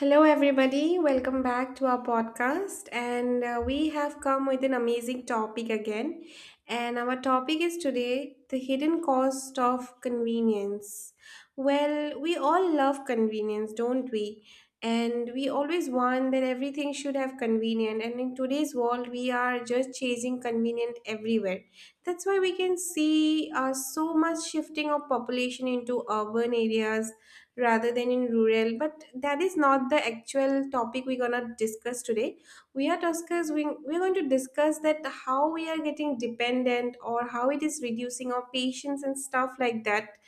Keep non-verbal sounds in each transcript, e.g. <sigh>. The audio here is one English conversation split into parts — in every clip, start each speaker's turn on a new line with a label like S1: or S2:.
S1: Hello, everybody. Welcome back to our podcast. And we have come with an amazing topic again. And our topic is today the hidden cost of convenience. Well, we all love convenience, don't we? And we always want that everything should have convenient. And in today's world, we are just chasing convenient everywhere. That's why we can see so much shifting of population into urban areas rather than in rural, but that is not the actual topic we're gonna discuss today. We are discuss we, we're going to discuss that how we are getting dependent or how it is reducing our patience and stuff like that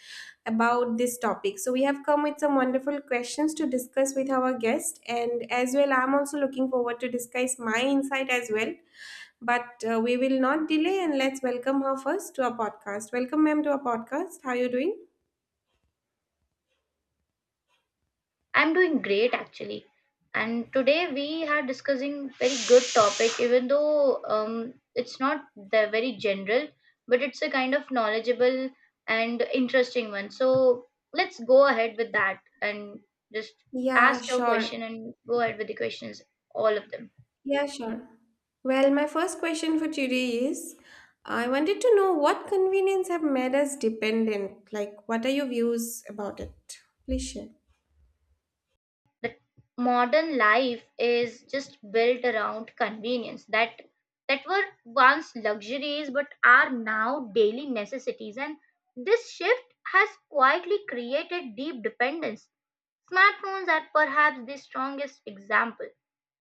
S1: about this topic. So we have come with some wonderful questions to discuss with our guest, and as well, I'm also looking forward to discuss my insight as well. But we will not delay and let's welcome her first to our podcast. Welcome, ma'am, to our podcast. How are you doing?
S2: I'm doing great actually. And today we are discussing very good topic, even though it's not the very general, but it's a kind of knowledgeable and interesting one. So let's go ahead with that and just
S1: Yeah,
S2: ask your
S1: sure.
S2: question and go ahead with the questions, all of them.
S1: Yeah, sure. Well, my first question for today is, I wanted to know what convenience have made us dependent? Like, what are your views about it? Please share.
S2: That modern life is just built around convenience that were once luxuries but are now daily necessities, and this shift has quietly created deep dependence. Smartphones are perhaps the strongest example.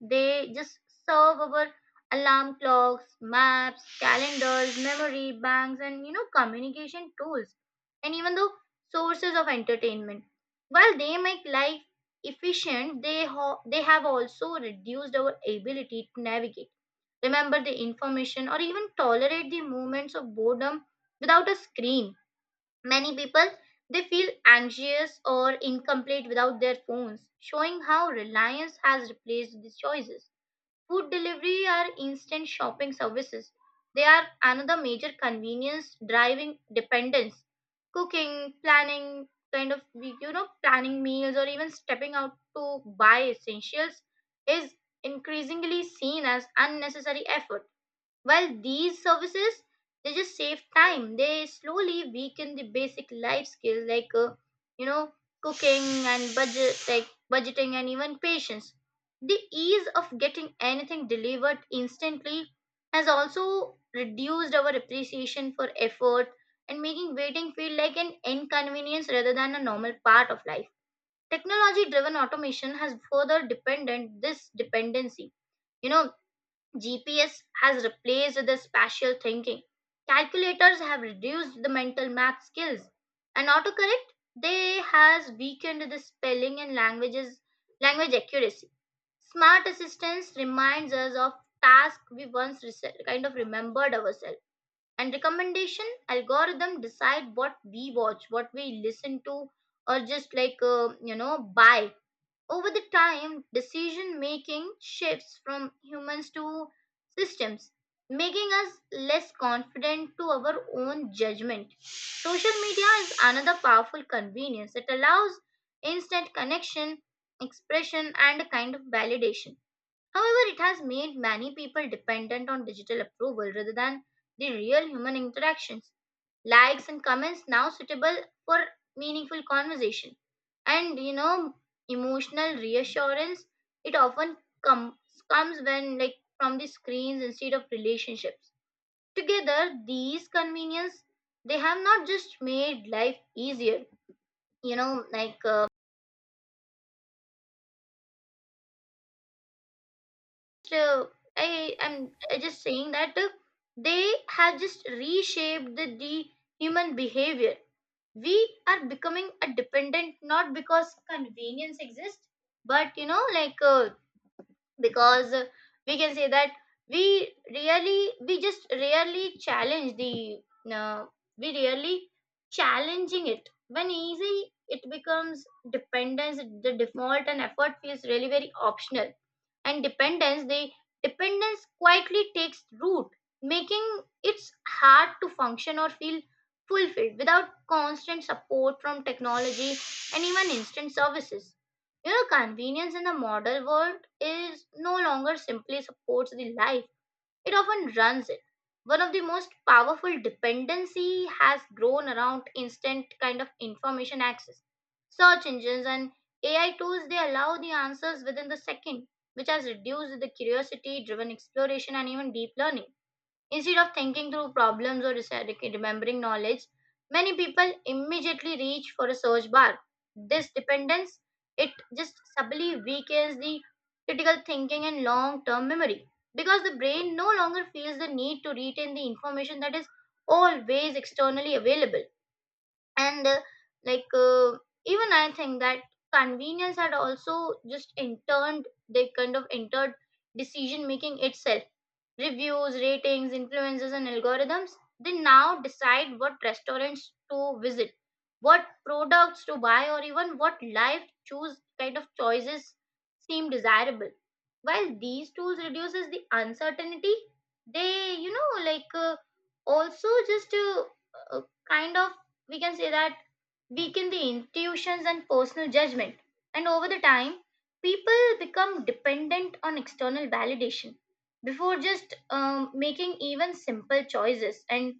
S2: They just serve our alarm clocks, maps, calendars, memory banks, and communication tools, and even though sources of entertainment. While they make life efficient, they, they have also reduced our ability to navigate, remember the information, or even tolerate the moments of boredom without a screen. Many people they feel anxious or incomplete without their phones, showing how reliance has replaced these choices. Food delivery or instant shopping services. They are another major convenience driving dependence. Cooking, planning, kind of planning meals or even stepping out to buy essentials is increasingly seen as unnecessary effort while these services, they just save time. They slowly weaken the basic life skills like, you know, cooking and budget, like budgeting and even patience. The ease of getting anything delivered instantly has also reduced our appreciation for effort and making waiting feel like an inconvenience rather than a normal part of life. Technology driven automation has further dependent this dependency. You know, GPS has replaced the spatial thinking. Calculators have reduced the mental math skills. And autocorrect, they has weakened the spelling and languages language accuracy. Smart assistance reminds us of tasks we once kind of remembered ourselves. And recommendation algorithm decide what we watch, what we listen to, or just like buy. Over the time, decision making shifts from humans to systems, making us less confident to our own judgment. Social media is another powerful convenience. It allows instant connection, expression, and a kind of validation. However, it has made many people dependent on digital approval rather than the real human interactions, likes and comments now suitable for meaningful conversation, and emotional reassurance. It often comes comes when like from the screens instead of relationships. Together these convenience, they have not just made life easier, you know like uh, so I just saying that they have just reshaped the human behavior. We are becoming a dependent not because convenience exists, but because we can say that we just rarely challenge the uh, we rarely challenging it. When easy it becomes dependence the default and effort feels really very optional, and dependence quietly takes root, making it hard to function or feel fulfilled without constant support from technology and even instant services. You know, convenience in the modern world is no longer simply supports the life, it often runs it. One of the most powerful dependency has grown around instant kind of information access. Search engines and AI tools they allow the answers within the second, which has reduced the curiosity driven exploration and even deep learning. Instead of thinking through problems or remembering knowledge, many people immediately reach for a search bar. This dependence, it just subtly weakens the critical thinking and long-term memory because the brain no longer feels the need to retain the information that is always externally available, and like uh, even I think that convenience had also just interned they kind of entered decision making itself. Reviews, ratings, influences, and algorithms, they now decide what restaurants to visit, what products to buy, or even what life choose kind of choices seem desirable. While these tools reduces the uncertainty, they also just uh, kind of we can say that weaken the intuitions and personal judgment. And over the time, people become dependent on external validation before just making even simple choices and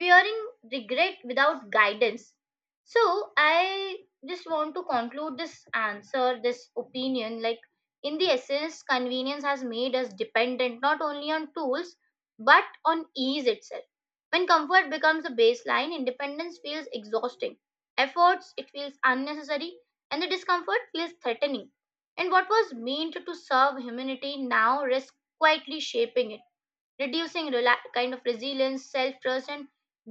S2: fearing regret without guidance. So, I just want to conclude this answer, this opinion. Like, in the essence, convenience has made us dependent not only on tools but on ease itself. When comfort becomes a baseline, independence feels exhausting, efforts, it feels unnecessary, and the discomfort feels threatening. And what was meant to serve humanity now risks quietly shaping it, reducing kind of resilience, self trust, and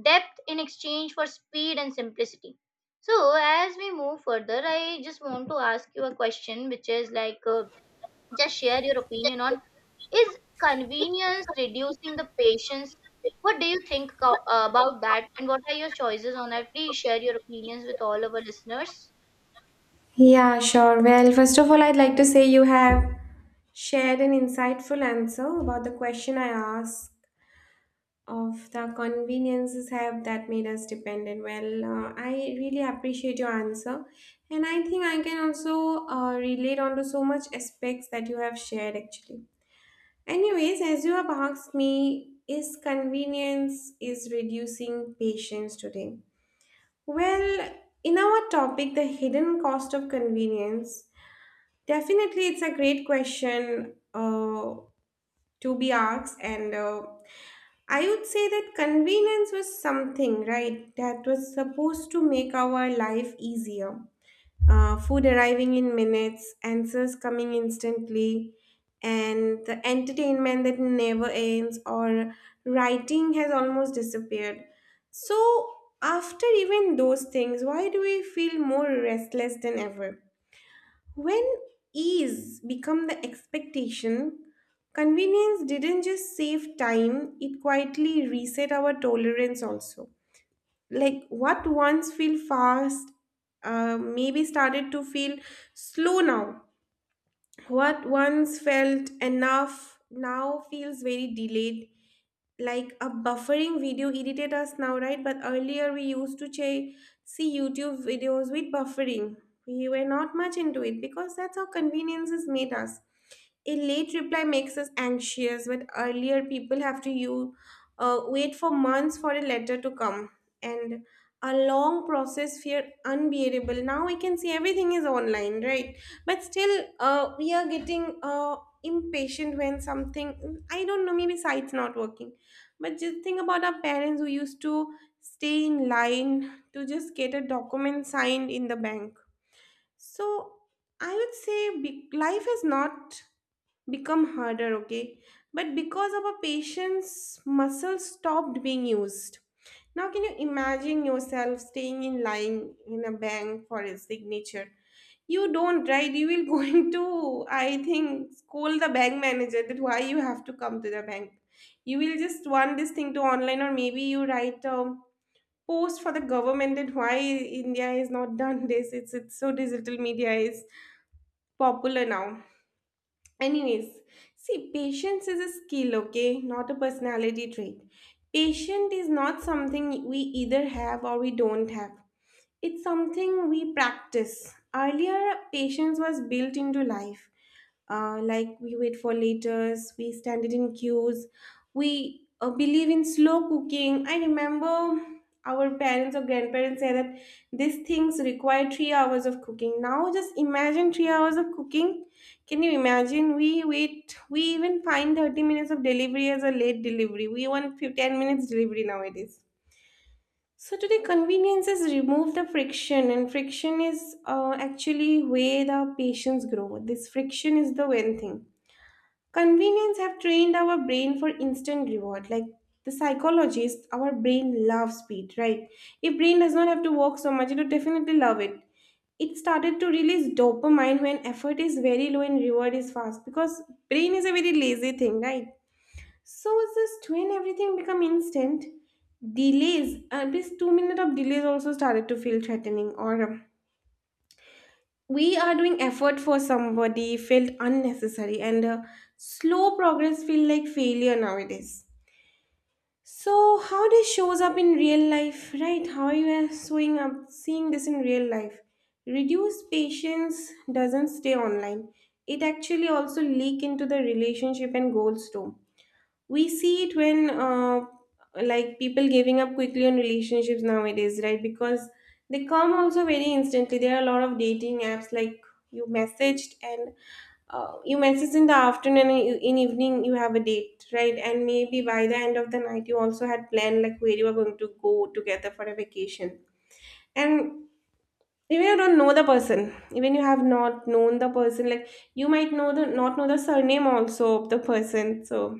S2: depth in exchange for speed and simplicity. So, as we move further, I just want to ask you a question, which is like just share your opinion on, is convenience reducing the patience? What do you think about that? And what are your choices on that? Please share your opinions with all our listeners.
S1: Yeah, sure. Well, first of all, I'd like to say you have shared an insightful answer about the question I asked of the conveniences have that made us dependent. Well, I really appreciate your answer, and I think I can also relate onto so much aspects that you have shared actually. Anyways, as you have asked me, is convenience is reducing patience today? Well, in our topic, the hidden cost of convenience, definitely it's a great question to be asked. And I would say that convenience was something, right, that was supposed to make our life easier, food arriving in minutes, answers coming instantly, and the entertainment that never ends, or writing has almost disappeared. So, after even those things, why do we feel more restless than ever? When ease become the expectation, convenience didn't just save time, it quietly reset our tolerance also. Like what once feel fast, maybe started to feel slow now. What once felt enough now feels very delayed. Like a buffering video irritate us now, right? But earlier we used to see YouTube videos with buffering. We were not much into it because that's how conveniences made us. A late reply makes us anxious, but earlier people have to you wait for months for a letter to come, and a long process feel unbearable. Now I can see everything is online, right? But still, we are getting impatient when something, I don't know, maybe site's not working. But just think about our parents who used to stay in line to just get a document signed in the bank. So I would say, life is not become harder, okay, but because of our patient's muscle stopped being used. Now can you imagine yourself staying in line in a bank for a signature? You don't, right? You will <laughs> going to, I think, scold the bank manager that why you have to come to the bank. You will just want this thing to online, or maybe you write a post for the government that why India is not <laughs> done this. It's so digital media is popular now. Anyways, see, patience is a skill, okay, not a personality trait. Patience is not something we either have or we don't have. It's something we practice. Earlier, patience was built into life. Like, we wait for letters, we stand it in queues, we believe in slow cooking. I remember our parents or grandparents say that these things require 3 hours of cooking. Now just imagine 3 hours of cooking. Can you imagine? We wait, we even find 30 minutes of delivery as a late delivery. We want 10 minutes delivery nowadays. So today, conveniences remove the friction, and friction is actually where the patients grow. This friction is the one thing. Convenience have trained our brain for instant reward. Like the psychologists, our brain loves speed, right? If brain does not have to work so much, it would definitely love it. It started to release dopamine when effort is very low and reward is fast, because brain is a very lazy thing, right? So is this twin, everything become instant, delays, at least 2 minutes of delays also started to feel threatening. Or we are doing effort for somebody felt unnecessary, and slow progress feel like failure nowadays. So how this shows up in real life, right? How you are showing up seeing this in real life? Reduced patience doesn't stay online, it actually also leak into the relationship and goals too. We see it when, like, people giving up quickly on relationships nowadays, right? Because they come also very instantly. There are a lot of dating apps, like you messaged and you message in the afternoon, and you, in evening you have a date, right? And maybe by the end of the night you also had planned like where you are going to go together for a vacation. And even you don't know the person, even you have not known the person, like you might know the not know the surname also of the person. So,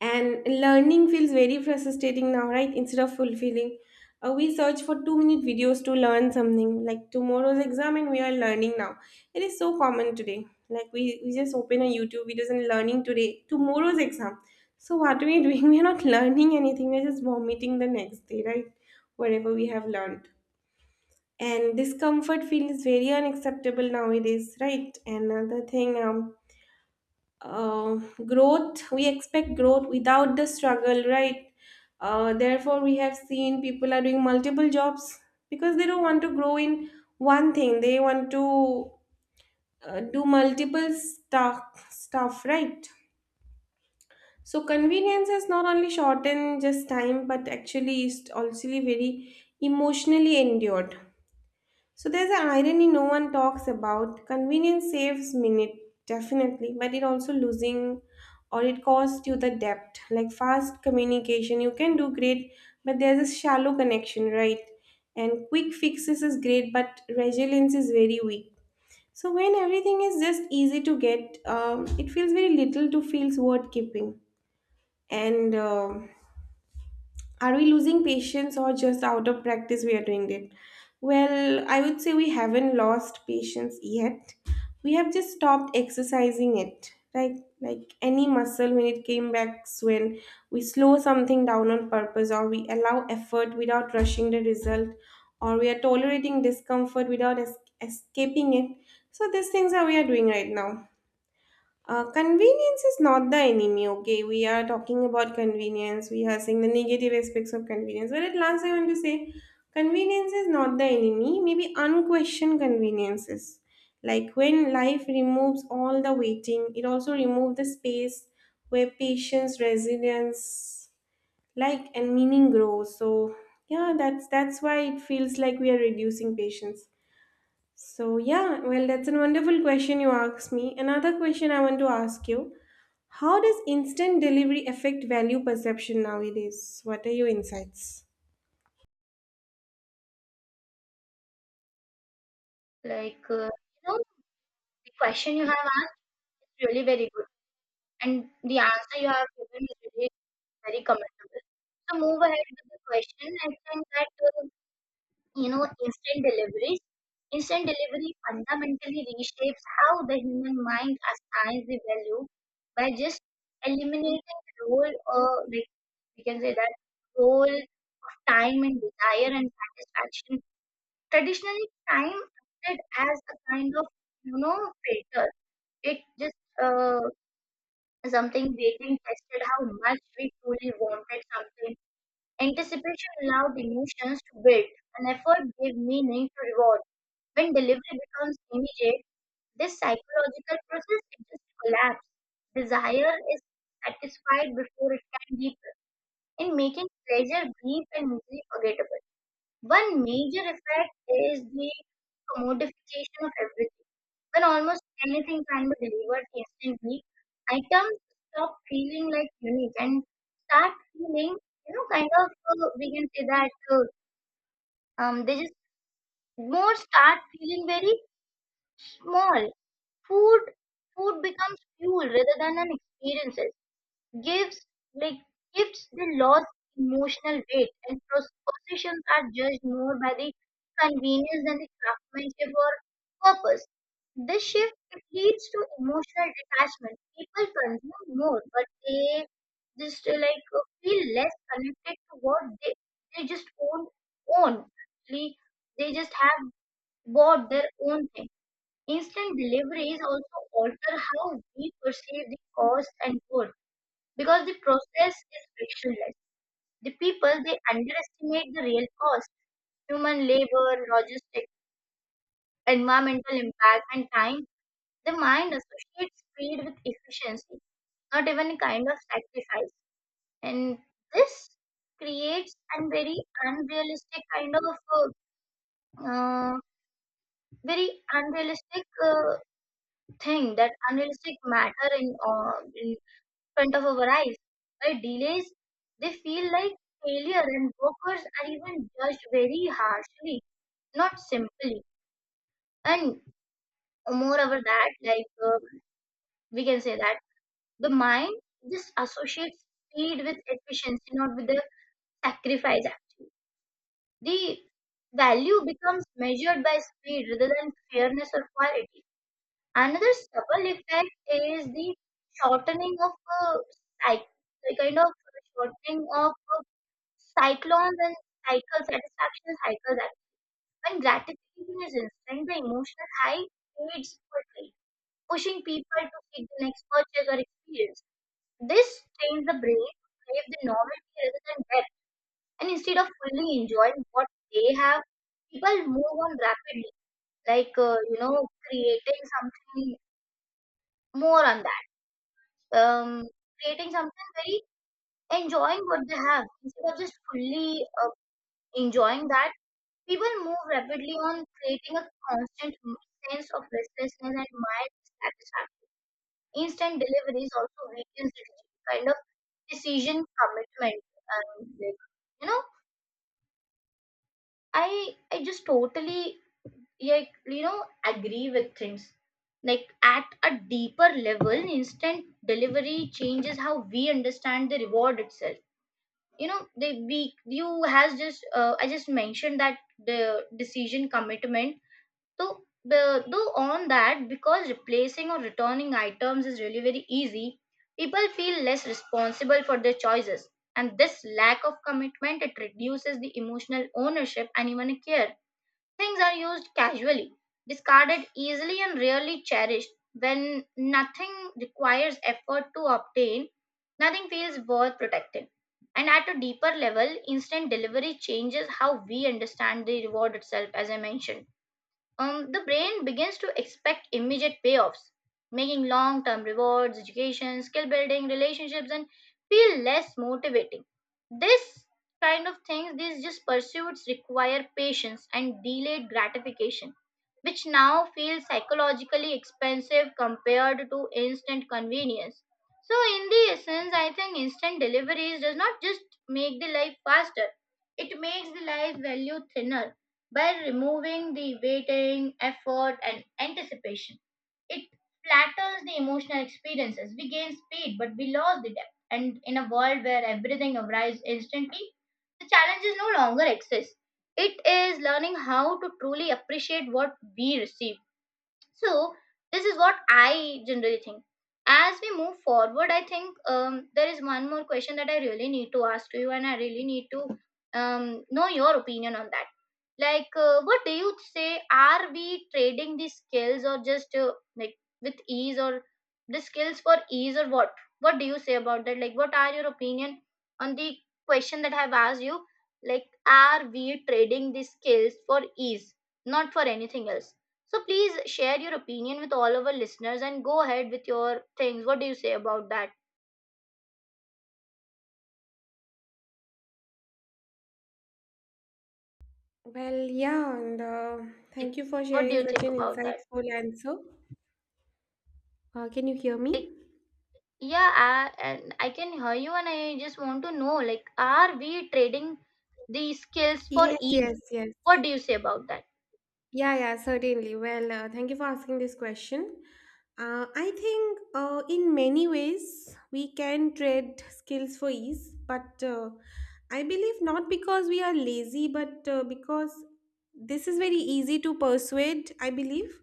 S1: and learning feels very frustrating now, right, instead of fulfilling. We search for 2 minute videos to learn something, like tomorrow's exam and we are learning now. It is so common today, like we just open a YouTube videos and learning today tomorrow's exam. So what are we doing? <laughs> We are not learning anything, we're just vomiting the next day, right, whatever we have learned. And discomfort feels very unacceptable nowadays, right? Another thing, uh, growth, we expect growth without the struggle, right? Therefore we have seen people are doing multiple jobs because they don't want to grow in one thing, they want to do multiple stuff right? So convenience has not only shortened just time, but actually is also very emotionally endured. So there's an irony no one talks about. Convenience saves minute, definitely, but it also losing or it costs you the depth. Like fast communication, you can do great, but there's a shallow connection, right? And quick fixes is great, but resilience is very weak. So when everything is just easy to get, it feels very little to feels worth keeping. And are we losing patience or just out of practice we are doing it? Well, I would say we haven't lost patience yet. We have just stopped exercising it. Like any muscle, when it came back, when we slow something down on purpose, or we allow effort without rushing the result, or we are tolerating discomfort without escaping it. So these things are we are doing right now. Convenience is not the enemy, okay? We are talking about convenience. We are seeing the negative aspects of convenience. But at last, I want to say convenience is not the enemy, maybe unquestioned conveniences. Like when life removes all the waiting, it also removes the space where patience, resilience, like, and meaning grows. So yeah, that's why it feels like we are reducing patience. So yeah, well, that's a wonderful question you asked me. Another question I want to ask you, how does instant delivery affect value perception nowadays? What are your insights?
S2: Like, the question you have asked is really very good, and the answer you have given is really very commendable. So move ahead with the question. I think that you know instant delivery instant delivery fundamentally reshapes how the human mind assigns the value by just eliminating the role, or we can say that role of time and desire and satisfaction. Traditionally time acted as a kind of you know filter. It just uh, something, waiting tested how much we truly wanted something. Anticipation allowed emotions to build, and effort gave meaning to reward. When delivery becomes immediate, this psychological process it just collapses. Desire is satisfied before it can deepen, in making pleasure brief and easily forgettable. One major effect is the commodification of everything. When almost anything can be delivered instantly, items stop feeling like unique and start feeling, we can say that they just more start feeling very small. Food food becomes fuel rather than an experiences. Gives like gifts they lost emotional weight, and possessions are judged more by the convenience than the craftsmanship or purpose. This shift it leads to emotional detachment. People consume more, but they just feel less connected to what they just own. Actually, they just have bought their own thing. Instant deliveries also alter how we perceive the cost and worth because the process is frictionless. The people they underestimate the real cost, human labor, logistics, environmental impact, and time. The mind associates speed with efficiency, not even a kind of sacrifice. And this creates a very unrealistic kind of uh, uh, very unrealistic thing, that unrealistic matter in front of our eyes. By delays, they feel like failure, and workers are even judged very harshly, not simply. And moreover, that, we can say that the mind just associates speed with efficiency, not with the sacrifice. Actually, the value becomes measured by speed rather than fairness or quality. Another subtle effect is the shortening of uh, cycle, kind of shortening of Cyclones and cycle satisfaction cycles. That when gratification is instant, the emotional high fades quickly, pushing people to seek the next purchase or experience. This trains the brain to crave the novelty rather than depth, and instead of fully enjoying what they have, people move on rapidly, like creating something more on that, um, creating something very enjoying what they have instead of just fully enjoying that. People move rapidly on, creating a constant sense of restlessness and mild dissatisfaction. Instant deliveries also weakens the kind of decision commitment. And like, you know, I just totally agree with things. Like at a deeper level, instant delivery changes how we understand the reward itself. You know, they we you has just I just mentioned that the decision commitment. Though, though on that, because replacing or returning items is really very easy, people feel less responsible for their choices. And this lack of commitment, it reduces the emotional ownership and even care. Things are used casually, discarded easily and rarely cherished. When nothing requires effort to obtain, nothing feels worth protecting. And at a deeper level, instant delivery changes how we understand the reward itself, as I mentioned. The brain begins to expect immediate payoffs, making long term rewards, education, skill building, relationships, and feel less motivating. This kind of things, these just pursuits require patience and delayed gratification, which now feels psychologically expensive compared to instant convenience. So, in the essence, I think instant deliveries does not just make the life faster, it makes the life value thinner. By removing the waiting, effort, and anticipation, it flatters the emotional experiences. We gain speed, but we lose the depth. And in a world where everything arrives instantly, the challenges no longer exist. It is learning how to truly appreciate what we receive. So, this is what I generally think. As we move forward, I think there is one more question that I really need to ask to you, and I really need to know your opinion on that, what do you say, are we trading these skills or just like with ease, or the skills for ease, or what do you say about that, like what are your opinion on the question that I have asked you, like are we trading these skills for ease, not for anything else? So please share your opinion with all of our listeners and go ahead with your things. What do you say about that?
S1: Well, yeah, and
S2: like,
S1: thank you for
S2: what do
S1: sharing
S2: you
S1: such
S2: think
S1: an
S2: about that?
S1: insightful answer. Can you hear me?
S2: Yeah, and I can hear you, and I just want to know, like, are we trading these skills for
S1: Yes,
S2: ease?
S1: yes, yes.
S2: What do you say about that?
S1: Yeah, yeah, certainly. Well, thank you for asking this question. I think in many ways we can trade skills for ease, but I believe not because we are lazy, but because this is very easy to persuade, I believe.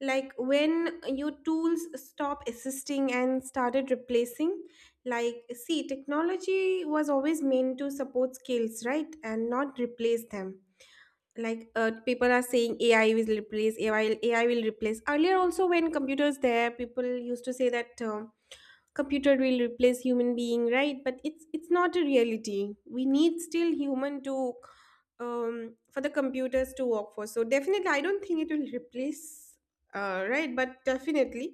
S1: Like when your tools stop assisting and started replacing, like, see, technology was always meant to support skills, right? And not replace them. Like people are saying ai will replace ai ai will AI will replace. Earlier also when computers there, people used to say that computer will replace human being, right? But it's not a reality, we need still human to, for the computers to work for. So definitely I don't think it will replace, right? But definitely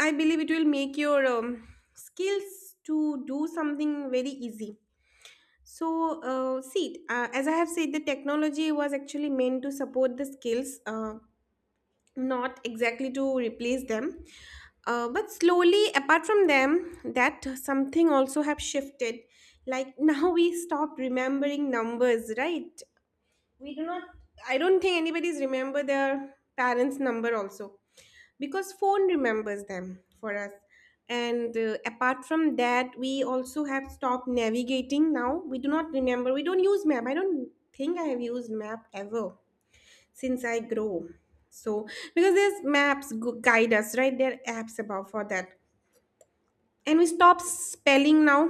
S1: I believe it will make your, skills to do something very easy. So, see, as I have said, the technology was actually meant to support the skills, not exactly to replace them. But slowly, apart from them, that something also have shifted. Like <laughs> now we stop remembering numbers, right? We do not. I don't think anybody's remember their parents number also because phone remembers them for us. And apart from that, we also have stopped navigating. Now we do not remember, we don't use map. I don't think I have used map ever since I grow. So because there's maps guide us, right? There are apps about for that. And we stop spelling now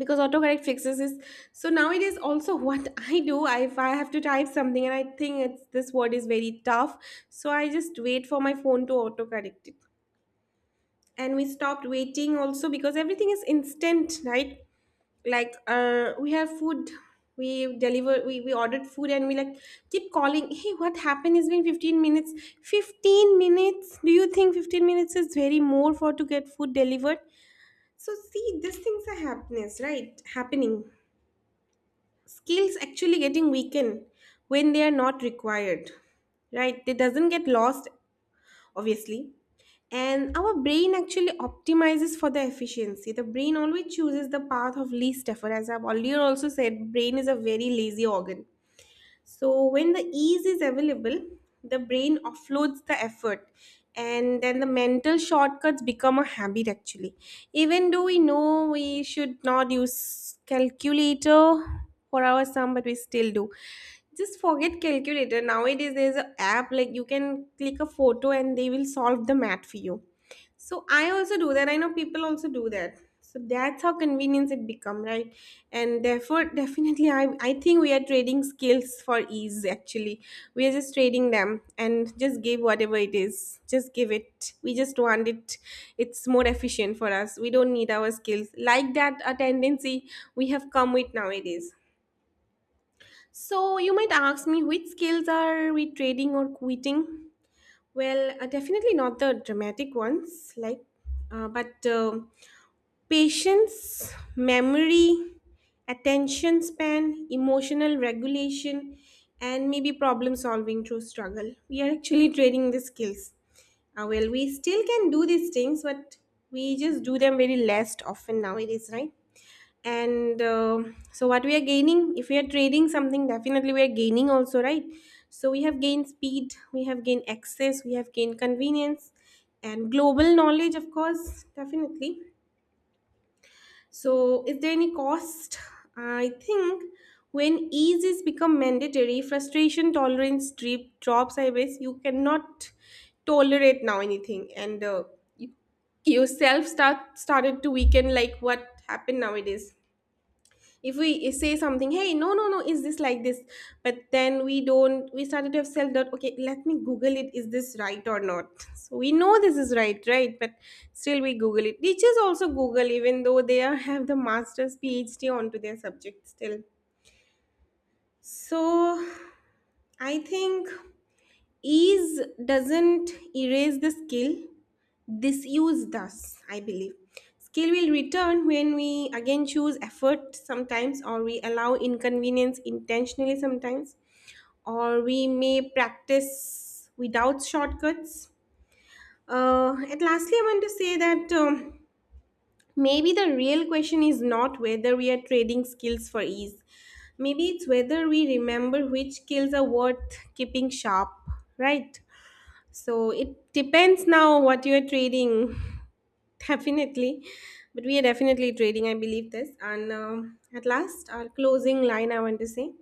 S1: because autocorrect fixes is. So nowadays also what <laughs> I do, if I have to type something and I think it's this word is very tough, so I just wait for my phone to autocorrect it. And we stopped waiting also because everything is instant, right? Like we have food, we deliver we ordered food and we like keep calling, hey, what happened, it's been 15 minutes. 15 minutes, do you think 15 minutes is very more for to get food delivered? So see, these things are happiness, right, happening. Skills actually getting weakened when they are not required, right? They doesn't get lost, obviously. And our brain actually optimizes for the efficiency. The brain always chooses the path of least effort. As I've earlier also said, brain is a very lazy organ. So when the ease is available, the brain offloads the effort, and then the mental shortcuts become a habit actually. Even though we know we should not use calculator for our sum, but we still do. Just forget calculator. Nowadays, there's an app like you can click a photo and they will solve the math for you. So I also do that. I know people also do that. So that's how convenience it become, right? And therefore, definitely, I think we are trading skills for ease. Actually, we are just trading them and just give whatever it is. Just give it. We just want it. It's more efficient for us. We don't need our skills like that. A tendency we have come with nowadays. So you might ask me, which skills are we trading or quitting? Well, definitely not the dramatic ones, like, but patience, memory, attention span, emotional regulation, and maybe problem solving through struggle. We are actually <laughs> training the skills. Well, we still can do these things, but we just do them very less often nowadays, right? And so what we are gaining, if we are trading something, definitely we are gaining also, right? So we have gained speed, we have gained access, we have gained convenience, and global knowledge, of course, definitely. So is there any cost? I think when ease is become mandatory, frustration tolerance drops, I guess. You cannot tolerate now anything. And you, yourself started to weaken. Like what happened nowadays, if we say something, hey, no, no, no, is this like this? But then we don't we started to have self doubt. Okay, let me google it, is this right or not? <laughs> So we know this is right, right? But still we google it. Teachers also google, even though they have the masters phd onto their subject still. So I think ease doesn't erase the skill. Disuse does, I believe. Skill will return when we again choose effort sometimes, or we allow inconvenience intentionally sometimes, or we may practice without shortcuts. And lastly, I want to say that, maybe the real question is not whether we are trading skills for ease. Maybe it's whether we remember which skills are worth keeping sharp, right? So it depends now what you're trading, <laughs> definitely. But we are definitely trading, I believe this. And at last, our closing line, I want to say,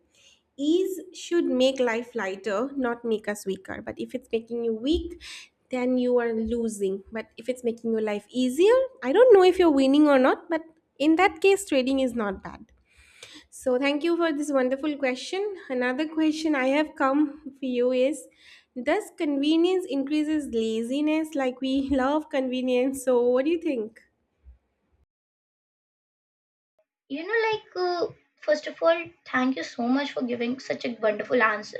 S1: ease should make life lighter, not make us weaker. But if it's making you weak, then you are losing. But if it's making your life easier, I don't know if you're winning or not, but in that case, trading is not bad. So thank you for this wonderful question. Another question I have come for you is, does convenience increases laziness? Like, we <laughs> love convenience. So what do you think?
S2: You know, like, first of all, thank you so much for giving such a wonderful answer.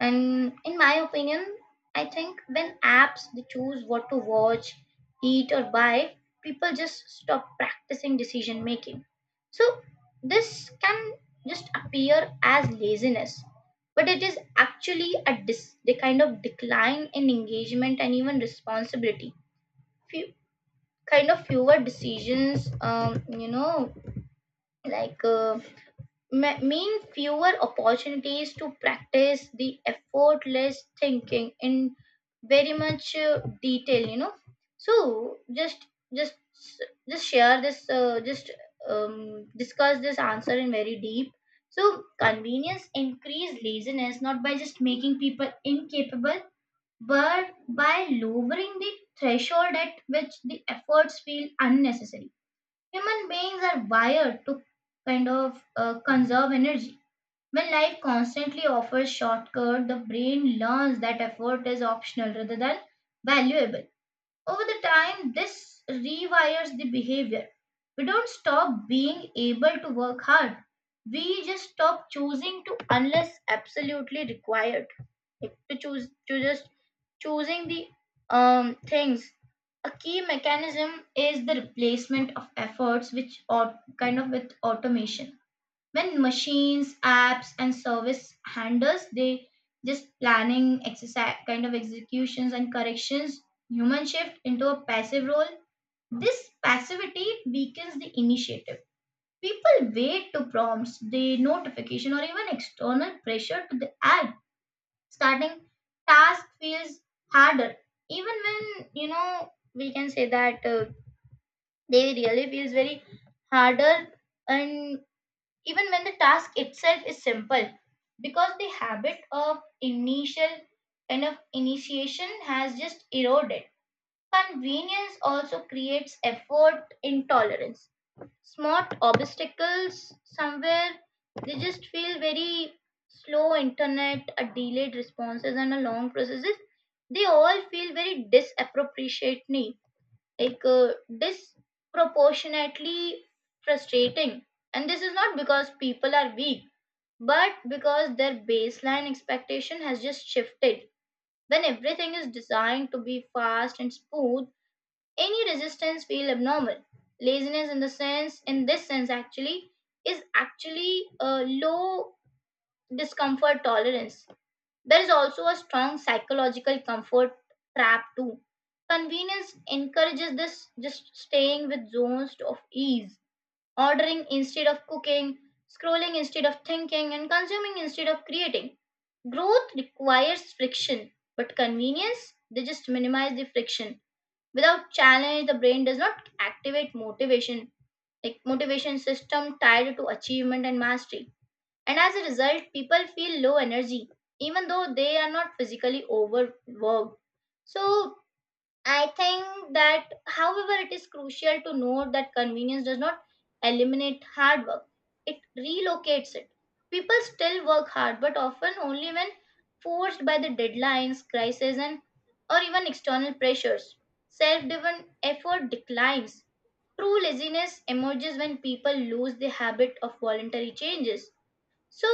S2: And in my opinion, I think when apps they choose what to watch, eat, or buy, people just stop practicing decision making. So this can just appear as laziness, but it is actually the kind of decline in engagement and even responsibility. Few, kind of fewer decisions, you know, like. Uh, mean fewer opportunities to practice the effortless thinking in very much detail, you know. So just just share this just, discuss this answer in very deep. So convenience increase laziness not by just making people incapable, but by lowering the threshold at which the efforts feel unnecessary. Human beings are wired to conserve energy. When life constantly offers shortcut, the brain learns that effort is optional rather than valuable. Over the time, this rewires the behavior. We don't stop being able to work hard. We just stop choosing to unless absolutely required. Like, to choose to just choosing the things. A key mechanism is the replacement of efforts which are kind of with automation. When machines, apps and service handles, they just planning exercise, kind of executions and corrections, human shift into a passive role. This passivity weakens the initiative. People wait to prompts, the notification, or even external pressure to the act. Starting task feels harder, even when, you know, we can say that they really feels very harder, and even when the task itself is simple, because the habit of initial kind of initiation has just eroded. Convenience also creates effort intolerance. Smart obstacles somewhere, they just feel very slow, internet, a delayed responses and a long processes, they all feel very disappropriately like disproportionately frustrating. And this is not because people are weak, but because their baseline expectation has just shifted. When everything is designed to be fast and smooth, any resistance feels abnormal. Laziness in this sense actually is actually a low discomfort tolerance. There is also a strong psychological comfort trap too. Convenience encourages this just staying with zones of ease, ordering instead of cooking, scrolling instead of thinking, and consuming instead of creating. Growth requires friction, but convenience, they just minimize the friction. Without challenge, the brain does not activate motivation, like motivation system tied to achievement and mastery, and as a result, people feel low energy, even though they are not physically overworked. So I think that, however, it is crucial to note that convenience does not eliminate hard work, it relocates it. People still work hard, but often only when forced by the deadlines, crises, and or even external pressures. Self driven effort declines. True laziness emerges when people lose the habit of voluntary changes. So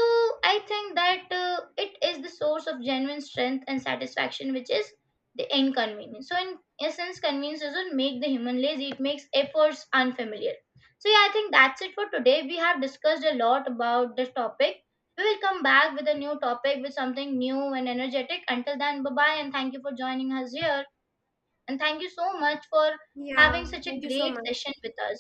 S2: I think that it is the source of genuine strength and satisfaction, which is the inconvenience. So in essence, convenience doesn't make the human lazy; it makes efforts unfamiliar. So yeah, I think that's it for today. We have discussed a lot about this topic. We will come back with a new topic with something new and energetic. Until then, bye bye, and thank you for joining us here. And thank you so much for
S1: Yeah,
S2: having such a
S1: thank you so
S2: great
S1: much.
S2: session with us.